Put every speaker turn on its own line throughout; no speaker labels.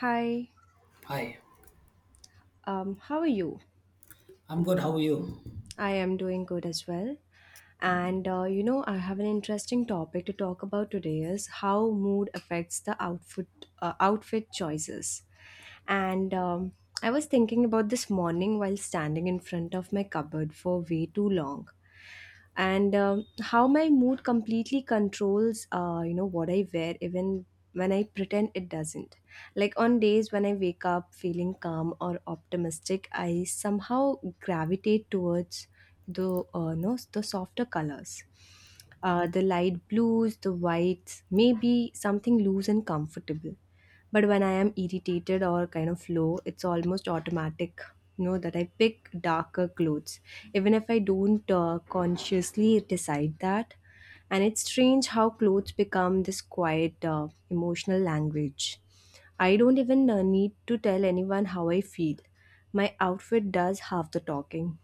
Hi,
Hi,
how are you?
I'm good. How are you?
I am doing good as well. And I have an interesting topic to talk about today is how mood affects the outfit outfit choices. And I was thinking about this morning while standing in front of my cupboard for way too long. And how my mood completely controls what I wear even when I pretend it doesn't. Like on days when I wake up feeling calm or optimistic, I somehow gravitate towards the no, the softer colors, the light blues, the whites, maybe something loose and comfortable. But when I am irritated or kind of low, it's almost automatic, you know, that I pick darker clothes, even if I don't consciously decide that. And it's strange how clothes become this quiet emotional language. I don't even need to tell anyone how I feel. My outfit does half the talking,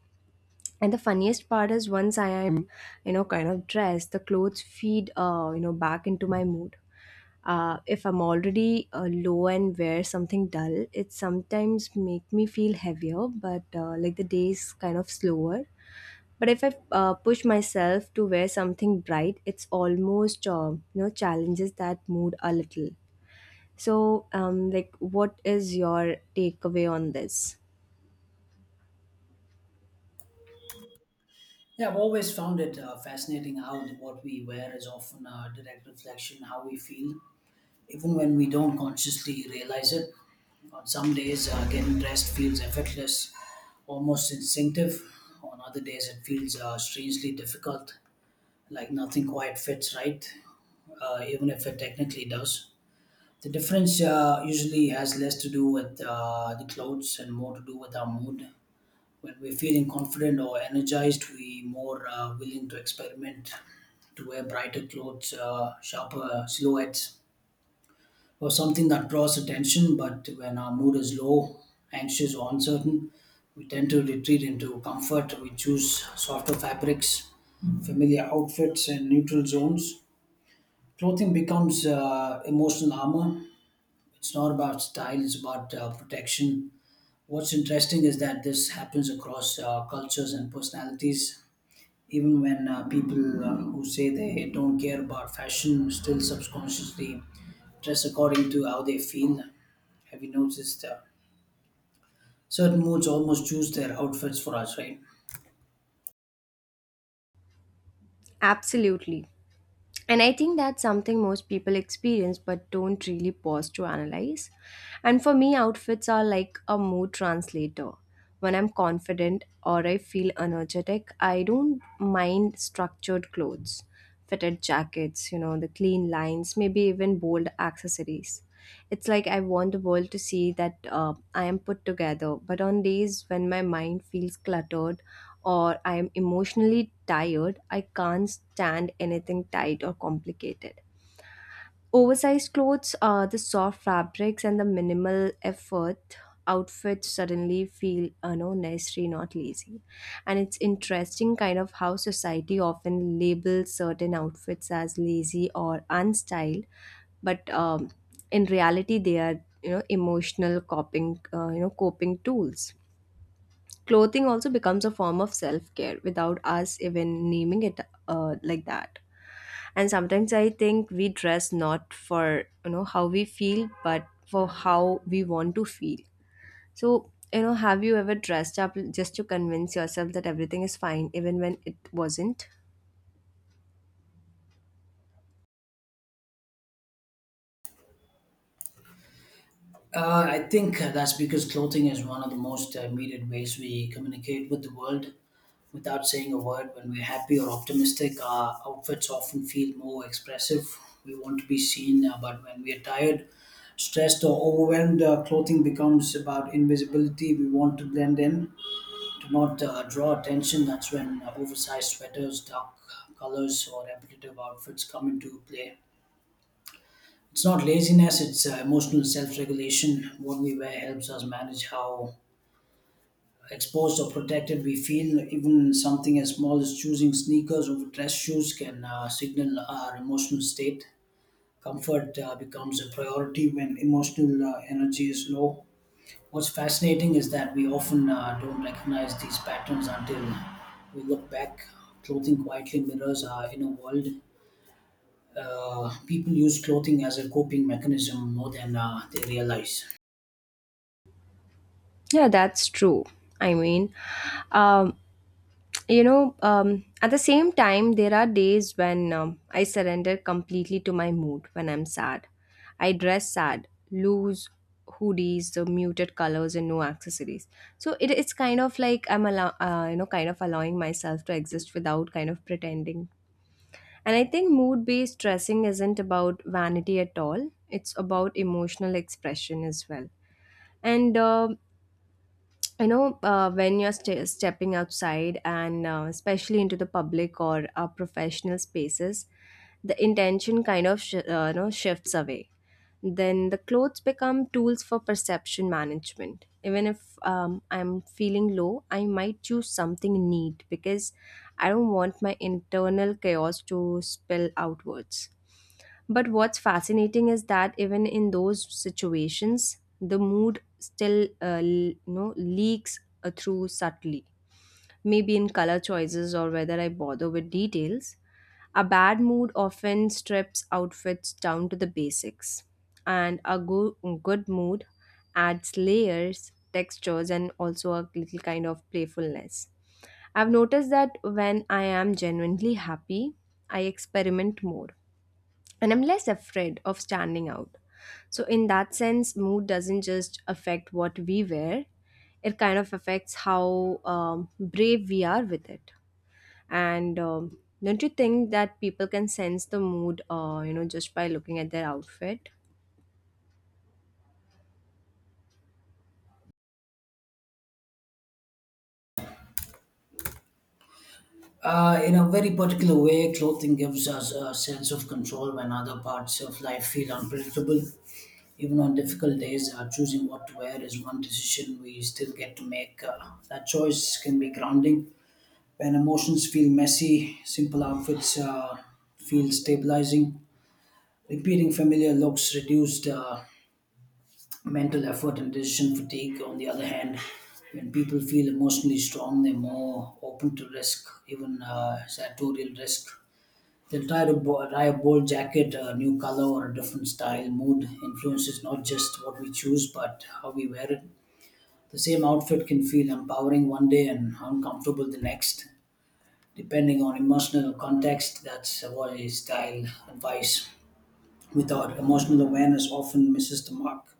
and the funniest part is, once I am, you know, kind of dressed, the clothes feed, back into my mood. If I'm already low and wear something dull, it sometimes make me feel heavier, but like the days kind of slower. But if I push myself to wear something bright, it's almost, challenges that mood a little. So like, what is your takeaway on this?
Yeah, I've always found it fascinating how what we wear is often a direct reflection how we feel, even when we don't consciously realize it. On some days, getting dressed feels effortless, almost instinctive. On other days, it feels strangely difficult, like nothing quite fits right, even if it technically does. The difference usually has less to do with the clothes and more to do with our mood. When we're feeling confident or energized, we more willing to experiment, to wear brighter clothes, sharper silhouettes, or something that draws attention. But when our mood is low, anxious, or uncertain, we tend to retreat into comfort. We choose softer fabrics, familiar outfits, and neutral zones. Clothing becomes emotional armor. It's not about style, it's about protection. What's interesting is that this happens across cultures and personalities even when people who say they don't care about fashion still subconsciously dress according to how they feel. Have you noticed certain moods almost choose their outfits for us, right?
Absolutely. And I think that's something most people experience but don't really pause to analyze. And for me, outfits are like a mood translator. When I'm confident or I feel energetic, I don't mind structured clothes, fitted jackets, you know, the clean lines, maybe even bold accessories. It's like I want the world to see that I am put together. But on days when my mind feels cluttered, or I am emotionally tired, I can't stand anything tight or complicated. Oversized clothes, the soft fabrics, and the minimal effort outfits suddenly feel, you know, necessary, not lazy. And it's interesting, kind of, how society often labels certain outfits as lazy or unstyled, but in reality, they are, you know, emotional coping, coping tools. Clothing also becomes a form of self care without us even naming it like that. And sometimes I think we dress not for, you know, how we feel, but for how we want to feel. So, you know, have you ever dressed up just to convince yourself that everything is fine, even when it wasn't?
I think that's because clothing is one of the most immediate ways we communicate with the world. Without saying a word, when we're happy or optimistic, our outfits often feel more expressive. We want to be seen, but when we are tired, stressed, or overwhelmed, clothing becomes about invisibility. We want to blend in, to not draw attention. That's when oversized sweaters, dark colors, or repetitive outfits come into play. It's not laziness, it's emotional self regulation. What we wear helps us manage how exposed or protected we feel. Even something as small as choosing sneakers over dress shoes can signal our emotional state. Comfort becomes a priority when emotional energy is low. What's fascinating is that we often don't recognize these patterns until we look back. Clothing quietly mirrors our inner world. People use clothing as a coping mechanism more than they realize.
Yeah, that's true. I mean, um, you know, at the same time there are days when, I surrender completely to my mood. When I'm sad, I dress sad, lose hoodies, the muted colors and no accessories. So it's kind of like I'm allow, kind of allowing myself to exist without kind of pretending. And I think mood based dressing isn't about vanity at all, it's about emotional expression as well. And you know, when you're stepping outside and especially into the public or professional spaces, the intention kind of shifts away. Then the clothes become tools for perception management. Even if I'm feeling low, I might choose something neat because I don't want my internal chaos to spill outwards. But what's fascinating is that even in those situations, the mood still leaks through subtly, maybe in color choices or whether I bother with details. A bad mood often strips outfits down to the basics, and a good mood adds layers, textures, and also a little kind of playfulness. I've noticed that when I am genuinely happy, I experiment more and I'm less afraid of standing out. So, in that sense, mood doesn't just affect what we wear, it kind of affects how brave we are with it. And don't you think that people can sense the mood, you know, just by looking at their outfit?
In a very particular way, clothing gives us a sense of control when other parts of life feel unpredictable. Even on difficult days, choosing what to wear is one decision we still get to make. That choice can be grounding. When emotions feel messy, simple outfits feel stabilizing. Repeating familiar looks reduced mental effort and decision fatigue. On the other hand, when people feel emotionally strong, they're more open to risk, even sartorial risk. They'll try a bold jacket, a new color, or a different style. Mood influences not just what we choose, but how we wear it. The same outfit can feel empowering one day and uncomfortable the next, depending on emotional context. That's why style advice without emotional awareness often misses the mark.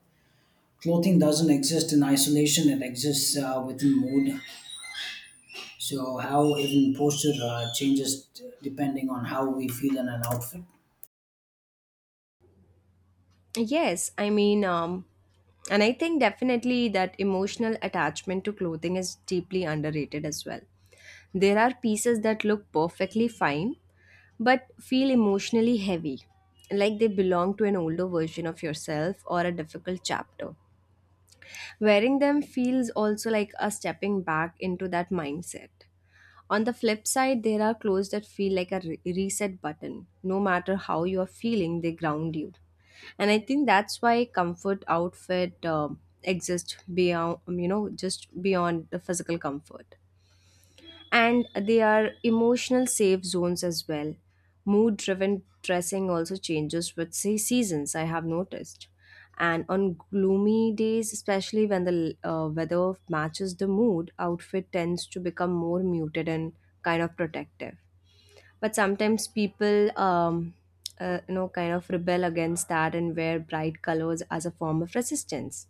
Clothing doesn't exist in isolation; it exists within mood. So, how even posture changes depending on how we feel in an outfit.
Yes, I mean, and I think definitely that emotional attachment to clothing is deeply underrated as well. There are pieces that look perfectly fine but feel emotionally heavy, like they belong to an older version of yourself or a difficult chapter. Wearing them feels also like a stepping back into that mindset. On the flip side, there are clothes that feel like a reset button. No matter how you are feeling, they ground you. And I think that's why comfort outfit exist beyond, you know, just beyond the physical comfort, and they are emotional safe zones as well. Mood driven dressing also changes with seasons, I have noticed. And on gloomy days, especially when the weather matches the mood, outfit tends to become more muted and kind of protective. But sometimes people kind of rebel against that and wear bright colors as a form of resistance.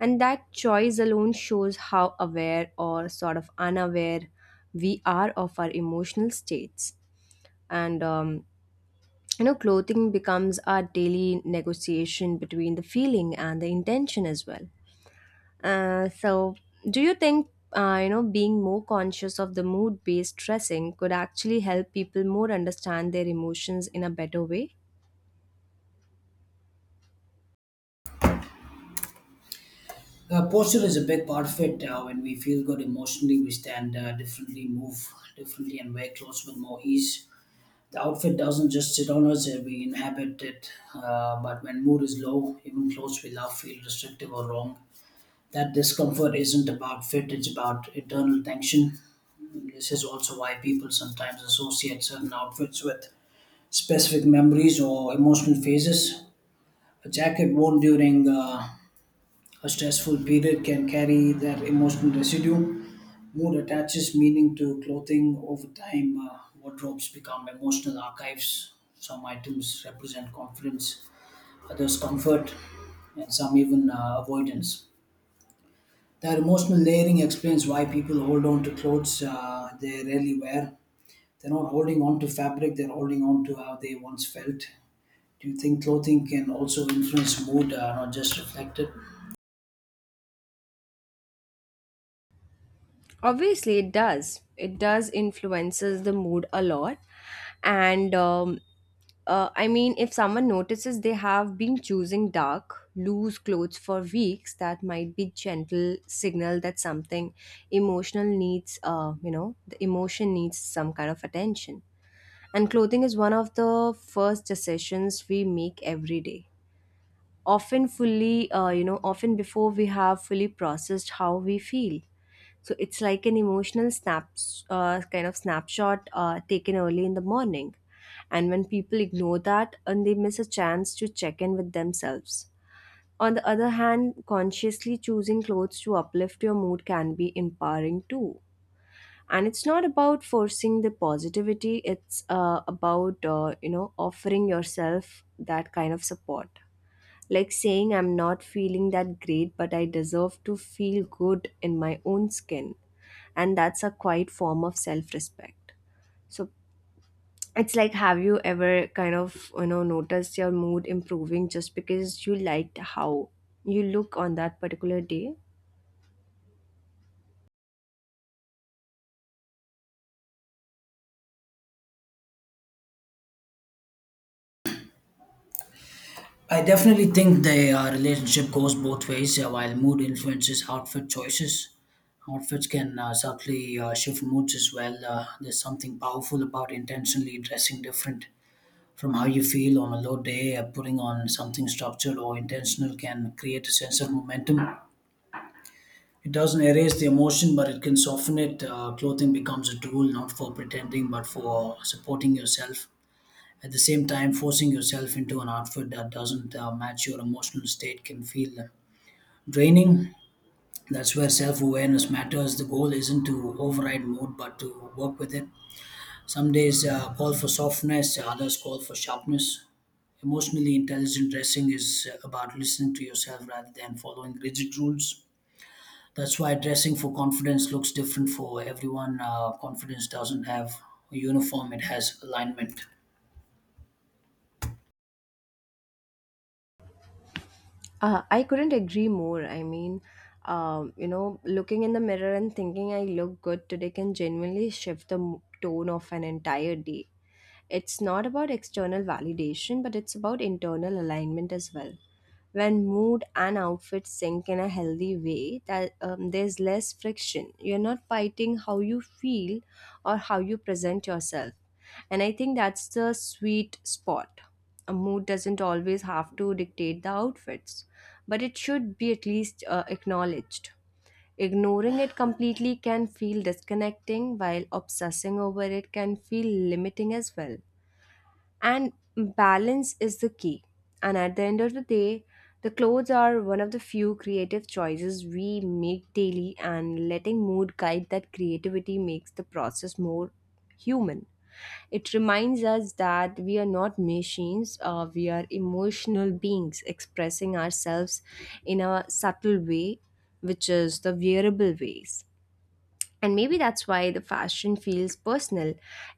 And that choice alone shows how aware or sort of unaware we are of our emotional states. And you know, clothing becomes our daily negotiation between the feeling and the intention as well. So, do you think being more conscious of the mood based dressing could actually help people more understand their emotions in a better way?
Posture is a big part of it. When we feel good emotionally, we stand differently, move differently, and wear clothes with more ease. The outfit doesn't just sit on us, we inhabit it. But when mood is low, even clothes we love feel restrictive or wrong. That discomfort isn't about fit, it's about internal tension. This is also why people sometimes associate certain outfits with specific memories or emotional phases. A jacket worn during a stressful period can carry that emotional residue. Mood attaches meaning to clothing over time. Wardrobes become emotional archives. Some items represent confidence, others comfort, and some even avoidance. That emotional layering explains why people hold on to clothes they rarely wear. They're not holding on to fabric, they're holding on to how they once felt. Do you think clothing can also influence mood, not just reflect it?
Obviously it does. It does influences the mood a lot. And I mean, if someone notices they have been choosing dark loose clothes for weeks, that might be gentle signal that something emotional needs, the emotion needs some kind of attention. And clothing is one of the first decisions we make every day, often fully, often before we have fully processed how we feel. So it's like an emotional kind of snapshot taken early in the morning. And when people ignore that, and they miss a chance to check in with themselves. On the other hand, consciously choosing clothes to uplift your mood can be empowering too. And it's not about forcing the positivity, it's about, offering yourself that kind of support. Like saying I'm not feeling that great, but I deserve to feel good in my own skin. And that's a quiet form of self respect. So, it's like, have you ever kind of, you know, noticed your mood improving just because you liked how you look on that particular day?
I definitely think the relationship goes both ways. While mood influences outfit choices, outfits can subtly shift moods as well. There's something powerful about intentionally dressing different from how you feel on a low day. Putting on something structured or intentional can create a sense of momentum. It doesn't erase the emotion, but it can soften it. Clothing becomes a tool not for pretending, but for supporting yourself at the same time, forcing yourself into an outfit that doesn't match your emotional state can feel draining. That's where self awareness matters. The goal isn't to override mood, but to work with it. Some days call for softness, others call for sharpness. Emotionally intelligent dressing is about listening to yourself rather than following rigid rules. That's why dressing for confidence looks different for everyone. Confidence doesn't have a uniform, it has alignment.
I couldn't agree more. I mean, you know, looking in the mirror and thinking I look good today can genuinely shift the tone of an entire day. It's not about external validation, but it's about internal alignment as well. When mood and outfit sync in a healthy way, that there's less friction. You're not fighting how you feel or how you present yourself. And I think that's the sweet spot. A mood doesn't always have to dictate the outfits, but it should be at least acknowledged. Ignoring it completely can feel disconnecting, while obsessing over it can feel limiting as well. And balance is the key. And at the end of the day, the clothes are one of the few creative choices we make daily, and letting mood guide that creativity makes the process more human. It reminds us that we are not machines, we are emotional beings expressing ourselves in a subtle way, which is the wearable ways. And maybe that's why the fashion feels personal,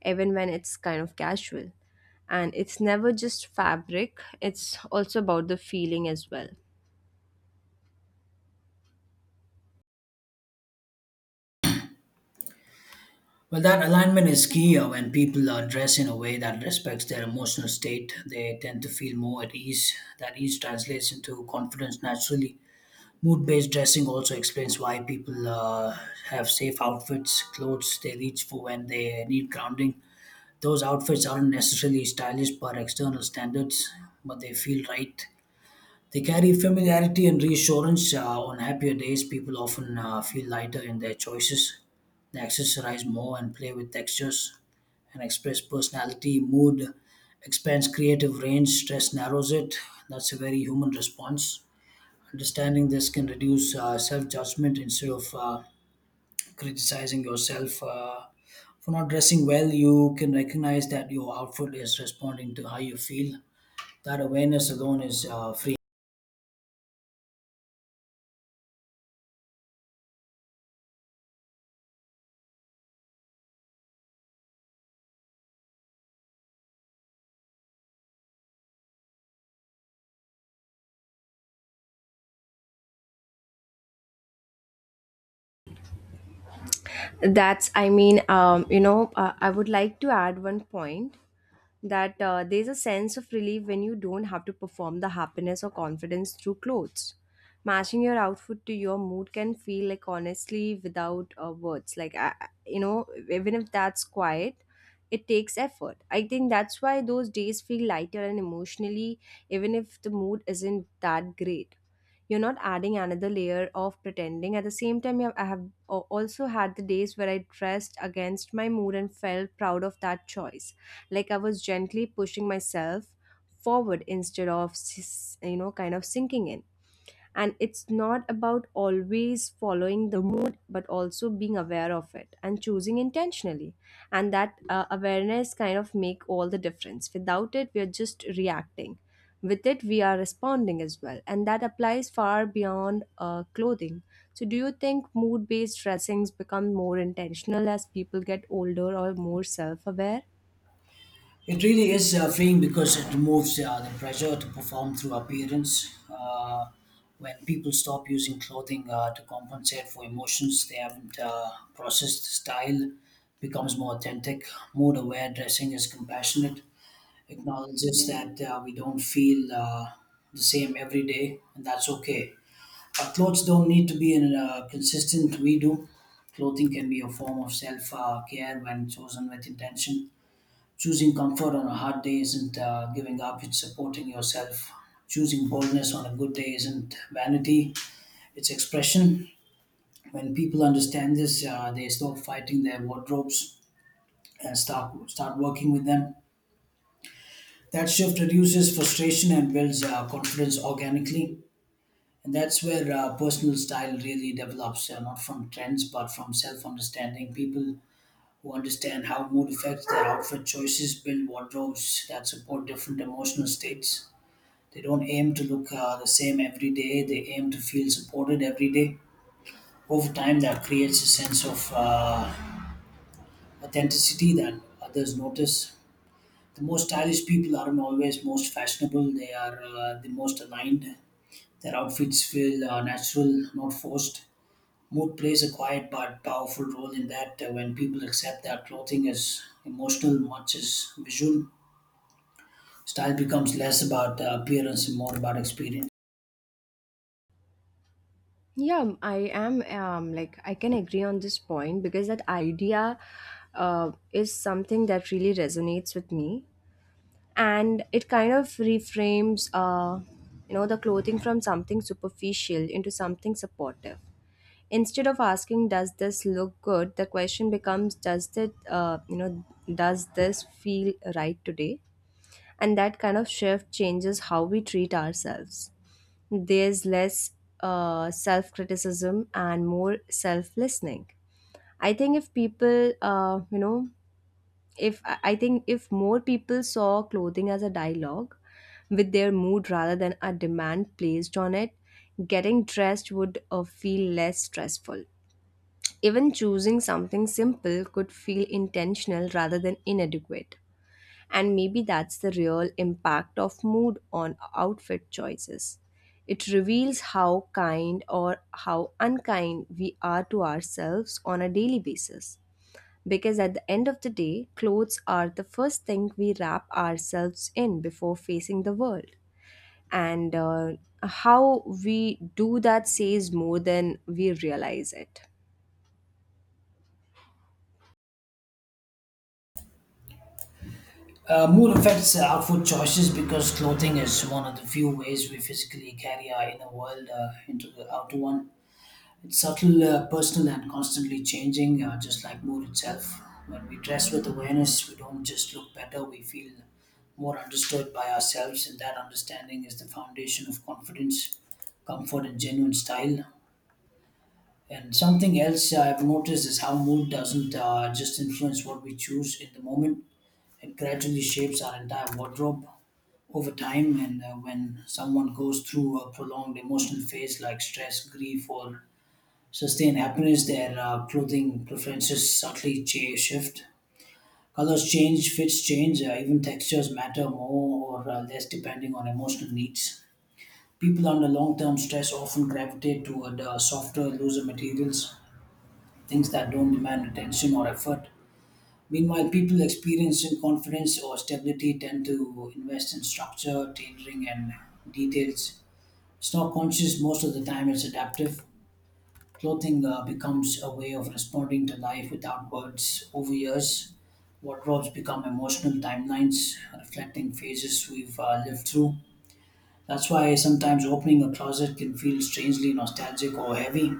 even when it's kind of casual. And it's never just fabric, it's also about the feeling as well.
Well, that alignment is key. When people dress in a way that respects their emotional state, they tend to feel more at ease. That ease translates into confidence naturally. Mood based dressing also explains why people have safe outfits, clothes they reach for when they need grounding. Those outfits aren't necessarily stylish by external standards, but they feel right. They carry familiarity and reassurance. On happier days, people often feel lighter in their choices. They accessorize more and play with textures, and express personality. Mood expands creative range, stress narrows it. That's a very human response. Understanding this can reduce self judgment instead of criticizing yourself. For not dressing well, you can recognize that your outfit is responding to how you feel. That awareness alone is freeing.
That's, I mean, I would like to add one point that there's a sense of relief when you don't have to perform the happiness or confidence through clothes. Matching your outfit to your mood can feel like honestly without words. Like, even if that's quiet, it takes effort. I think that's why those days feel lighter and emotionally, even if the mood isn't that great. You're not adding another layer of pretending. At the same time, I have also had the days where I dressed against my mood and felt proud of that choice, like I was gently pushing myself forward instead of kind of sinking in. And it's not about always following the mood, but also being aware of it and choosing intentionally. And that awareness kind of make all the difference. Without it we are just reacting, with it we are responding as well, and that applies far beyond clothing. So, do you think mood based dressings become more intentional as people get older or more self aware?
It really is freeing because it removes the pressure to perform through appearance. When people stop using clothing to compensate for emotions they haven't processed, style becomes more authentic. Mood aware dressing is compassionate, acknowledges that we don't feel the same every day, and that's okay. Our clothes don't need to be in consistent, we do. Clothing can be a form of self care when chosen with intention. Choosing comfort on a hard day isn't giving up, it's supporting yourself. Choosing boldness on a good day isn't vanity, it's expression. When people understand this, they stop fighting their wardrobes and start working with them. That shift reduces frustration and builds confidence organically. And that's where personal style really develops, not from trends, but from self understanding. People who understand how mood affects their outfit choices build wardrobes that support different emotional states. They don't aim to look the same every day. They aim to feel supported every day. Over time, that creates a sense of authenticity that others notice. The most stylish people aren't always most fashionable. They are the most aligned. Their outfits feel natural, not forced. Mood plays a quiet but powerful role in that. When people accept their clothing as emotional, much as visual, style becomes less about appearance and more about experience.
Yeah, I am like, I can agree on this point because that idea is something that really resonates with me, and it kind of reframes, the clothing from something superficial into something supportive. Instead of asking, "Does this look good?" the question becomes, "Does it does this feel right today?" And that kind of shift changes how we treat ourselves, there's less self criticism and more self listening. I think if if I think if more people saw clothing as a dialogue with their mood rather than a demand placed on it, getting dressed would feel less stressful. Even choosing something simple could feel intentional rather than inadequate. And maybe that's the real impact of mood on outfit choices. It reveals how kind or how unkind we are to ourselves on a daily basis. Because at the end of the day, clothes are the first thing we wrap ourselves in before facing the world. And how we do that says more than we realize it.
Mood affects our outfit choices because clothing is one of the few ways we physically carry our inner world into the outer one. It's subtle, personal, and constantly changing, just like mood itself. When we dress with awareness, we don't just look better, we feel more understood by ourselves, and that understanding is the foundation of confidence, comfort, and genuine style. And something else I've noticed is how mood doesn't just influence what we choose in the moment, it gradually shapes our entire wardrobe over time. And when someone goes through a prolonged emotional phase like stress, grief, or sustained happiness, their clothing preferences subtly shift. Colors change, fits change, even textures matter more or less depending on emotional needs. People under long term stress often gravitate toward softer, looser materials, things that don't demand attention or effort. Meanwhile, people experiencing confidence or stability tend to invest in structure, tailoring, and details. It's not conscious most of the time, it's adaptive. Clothing becomes a way of responding to life without words. Over years, wardrobes become emotional timelines reflecting phases we've lived through. That's why sometimes opening a closet can feel strangely nostalgic or heavy.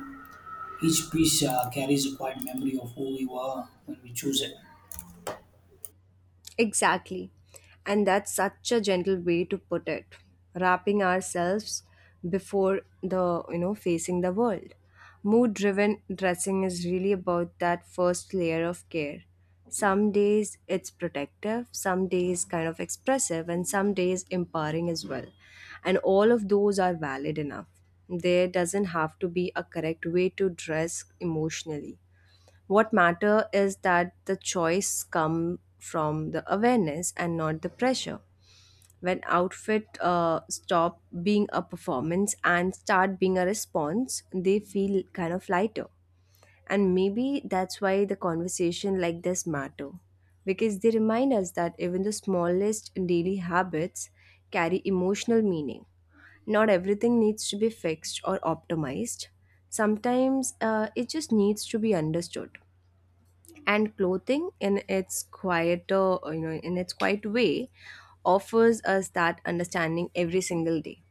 Each piece carries a quiet memory of who we were when we choose it.
Exactly. And that's such a gentle way to put it. Wrapping ourselves before facing the world. Mood driven dressing is really about that first layer of care. Some days it's protective, some days kind of expressive, and some days empowering as well. And all of those are valid enough. There doesn't have to be a correct way to dress emotionally. What matter is that the choice come from the awareness and not the pressure. When outfit stop being a performance and start being a response, they feel kind of lighter. And maybe that's why the conversation like this matter, because they remind us that even the smallest daily habits carry emotional meaning. Not everything needs to be fixed or optimized. Sometimes it just needs to be understood, and clothing in its quieter you know in its quiet way offers us that understanding every single day.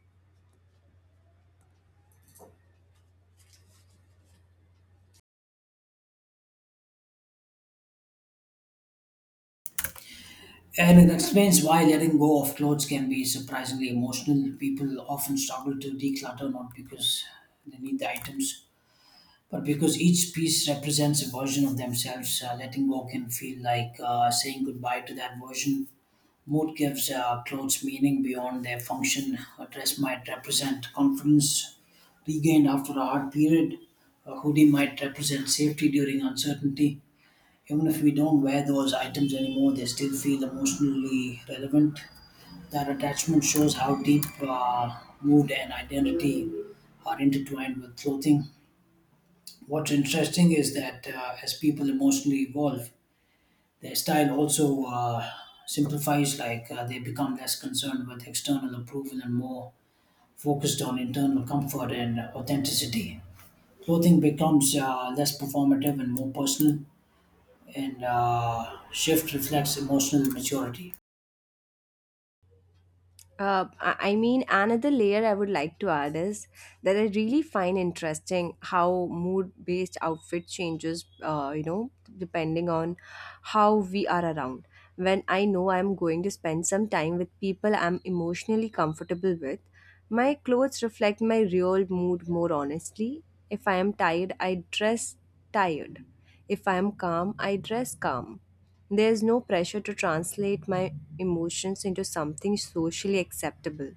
And it explains why letting go of clothes can be surprisingly emotional. People often struggle to declutter not because they need the items, but because each piece represents a version of themselves. Letting go can feel like saying goodbye to that version. Mood gives clothes meaning beyond their function. A dress might represent confidence regained after a hard period. A hoodie might represent safety during uncertainty. Even if we don't wear those items anymore, they still feel emotionally relevant. That attachment shows how deep mood and identity are intertwined with clothing. What's interesting is that as people emotionally evolve, their style also simplifies, like they become less concerned with external approval and more focused on internal comfort and authenticity. Clothing becomes less performative and more personal, and shift reflects emotional maturity.
I mean, another layer I would like to add is that I really find interesting how mood-based outfit changes, depending on how we are around. When I know I'm going to spend some time with people I'm emotionally comfortable with, my clothes reflect my real mood more honestly. If I am tired, I dress tired. If I am calm, I dress calm. There's no pressure to translate my emotions into something socially acceptable.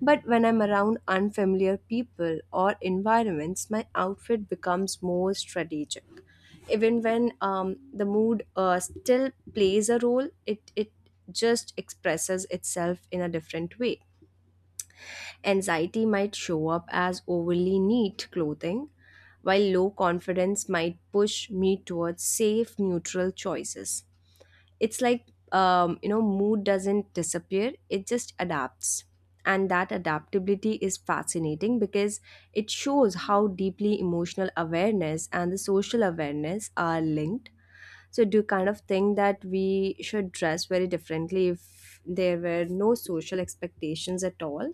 But when I'm around unfamiliar people or environments, my outfit becomes more strategic. Even when the mood still plays a role, it just expresses itself in a different way. Anxiety might show up as overly neat clothing, while low confidence might push me towards safe, neutral choices. It's like mood doesn't disappear, it just adapts, and that adaptability is fascinating because it shows how deeply emotional awareness and the social awareness are linked. So do you kind of think that we should dress very differently if there were no social expectations at all?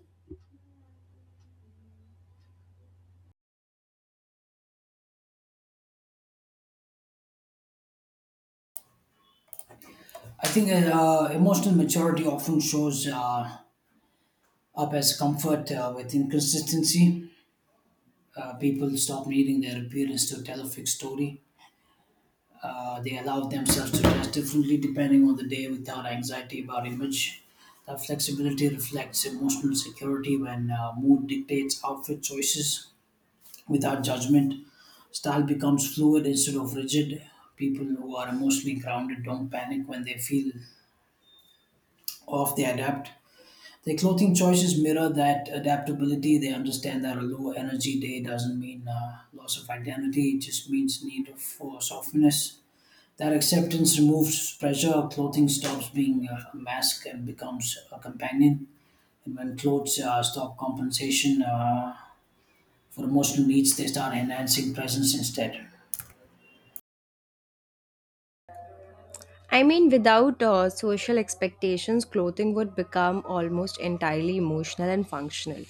I think emotional maturity often shows up as comfort with inconsistency. People stop needing their appearance to tell a fixed story. They allow themselves to dress differently depending on the day without anxiety about image. That flexibility reflects emotional security when mood dictates outfit choices without judgment. Style becomes fluid instead of rigid. People who are emotionally grounded don't panic when they feel off, they adapt. Their clothing choices mirror that adaptability. They understand that a low energy day doesn't mean loss of identity, it just means for softness. That acceptance removes pressure. Clothing stops being a mask and becomes a companion. And when clothes stop compensation for emotional needs, they start enhancing presence instead.
I mean, without social expectations, clothing would become almost entirely emotional and functional.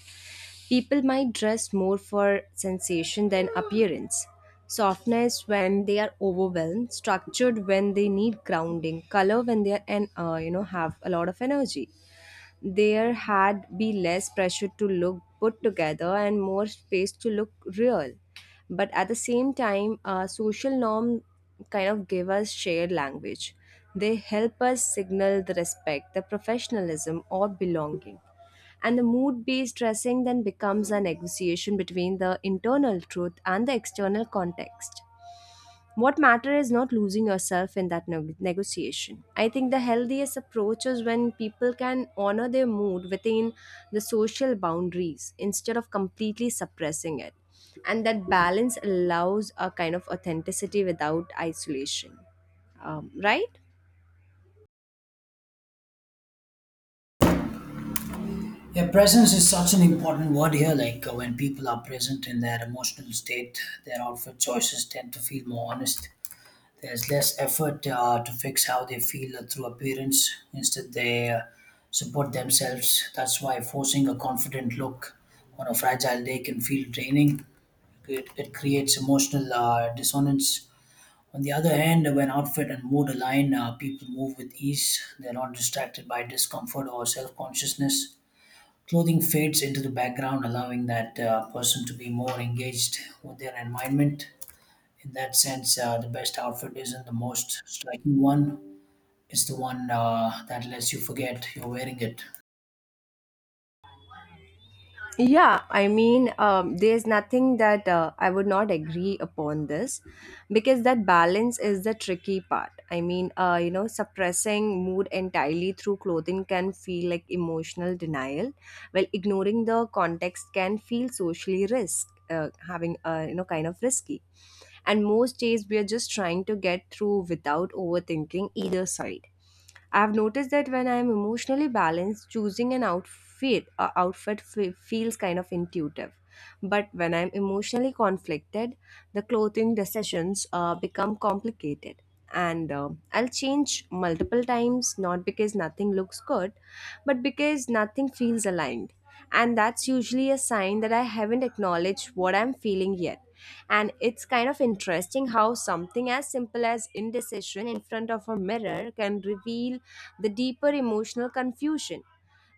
People might dress more for sensation than appearance. Softness when they are overwhelmed, structured when they need grounding, color when they are and have a lot of energy. There had be less pressure to look put together and more space to look real. But at the same time, social norm kind of give us shared language, they help us signal the respect, the professionalism or belonging, and the mood based dressing then becomes a negotiation between the internal truth and the external context. What matters is not losing yourself in that negotiation. I think the healthiest approach is when people can honor their mood within the social boundaries instead of completely suppressing it. And that balance allows a kind of authenticity without isolation. Right?
Yeah, presence is such an important word here. Like when people are present in their emotional state, their outfit choices tend to feel more honest. There's less effort to fix how they feel through appearance. Instead, they support themselves. That's why forcing a confident look on a fragile day can feel draining. It creates emotional dissonance. On the other hand, when outfit and mood align, people move with ease. They're not distracted by discomfort or self consciousness. Clothing fades into the background, allowing that person to be more engaged with their environment. In that sense, the best outfit isn't the most striking one. It's the one that lets you forget you're wearing it.
Yeah, I mean, there's nothing that I would not agree upon this, because that balance is the tricky part. I mean, suppressing mood entirely through clothing can feel like emotional denial, while ignoring the context can feel socially risk, having, you know, kind of risky. And most days we are just trying to get through without overthinking either side. I've noticed that when I'm emotionally balanced, choosing an feels kind of intuitive. But when I'm emotionally conflicted, the clothing decisions become complicated. And I'll change multiple times, not because nothing looks good, but because nothing feels aligned. And that's usually a sign that I haven't acknowledged what I'm feeling yet. And it's kind of interesting how something as simple as indecision in front of a mirror can reveal the deeper emotional confusion.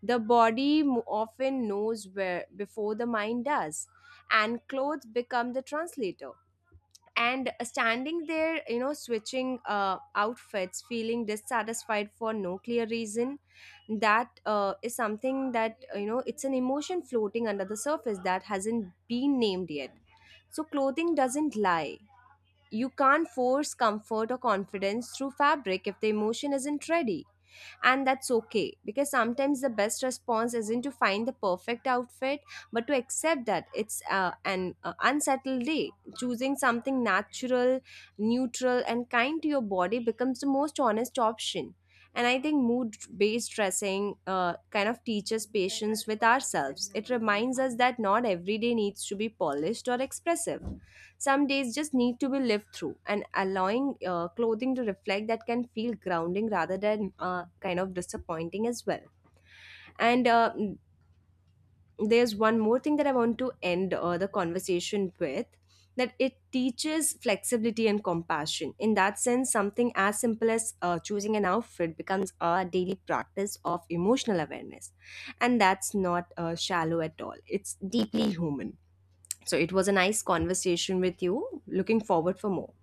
The often knows where before the mind does, and clothes become the translator. And standing there, you know, switching outfits, feeling dissatisfied for no clear reason, that is something that, you know, it's an emotion floating under the surface that hasn't been named yet. So clothing doesn't lie. You can't force comfort or confidence through fabric if the emotion isn't ready, and that's okay, because sometimes the best response isn't to find the perfect outfit but to accept that it's an unsettled day. Choosing something natural, neutral and kind to your body becomes the most honest option. And I think mood based dressing kind of teaches patience with ourselves. It reminds us that not every day needs to be polished or expressive, some days just need to be lived through, and allowing clothing to reflect that can feel grounding rather than kind of disappointing as well. And there's one more thing that I want to end the conversation with, that it teaches flexibility and compassion. In that sense, something as simple as choosing an outfit becomes a daily practice of emotional awareness. And that's not shallow at all, it's deeply human. So it was a nice conversation with you. Looking forward for more.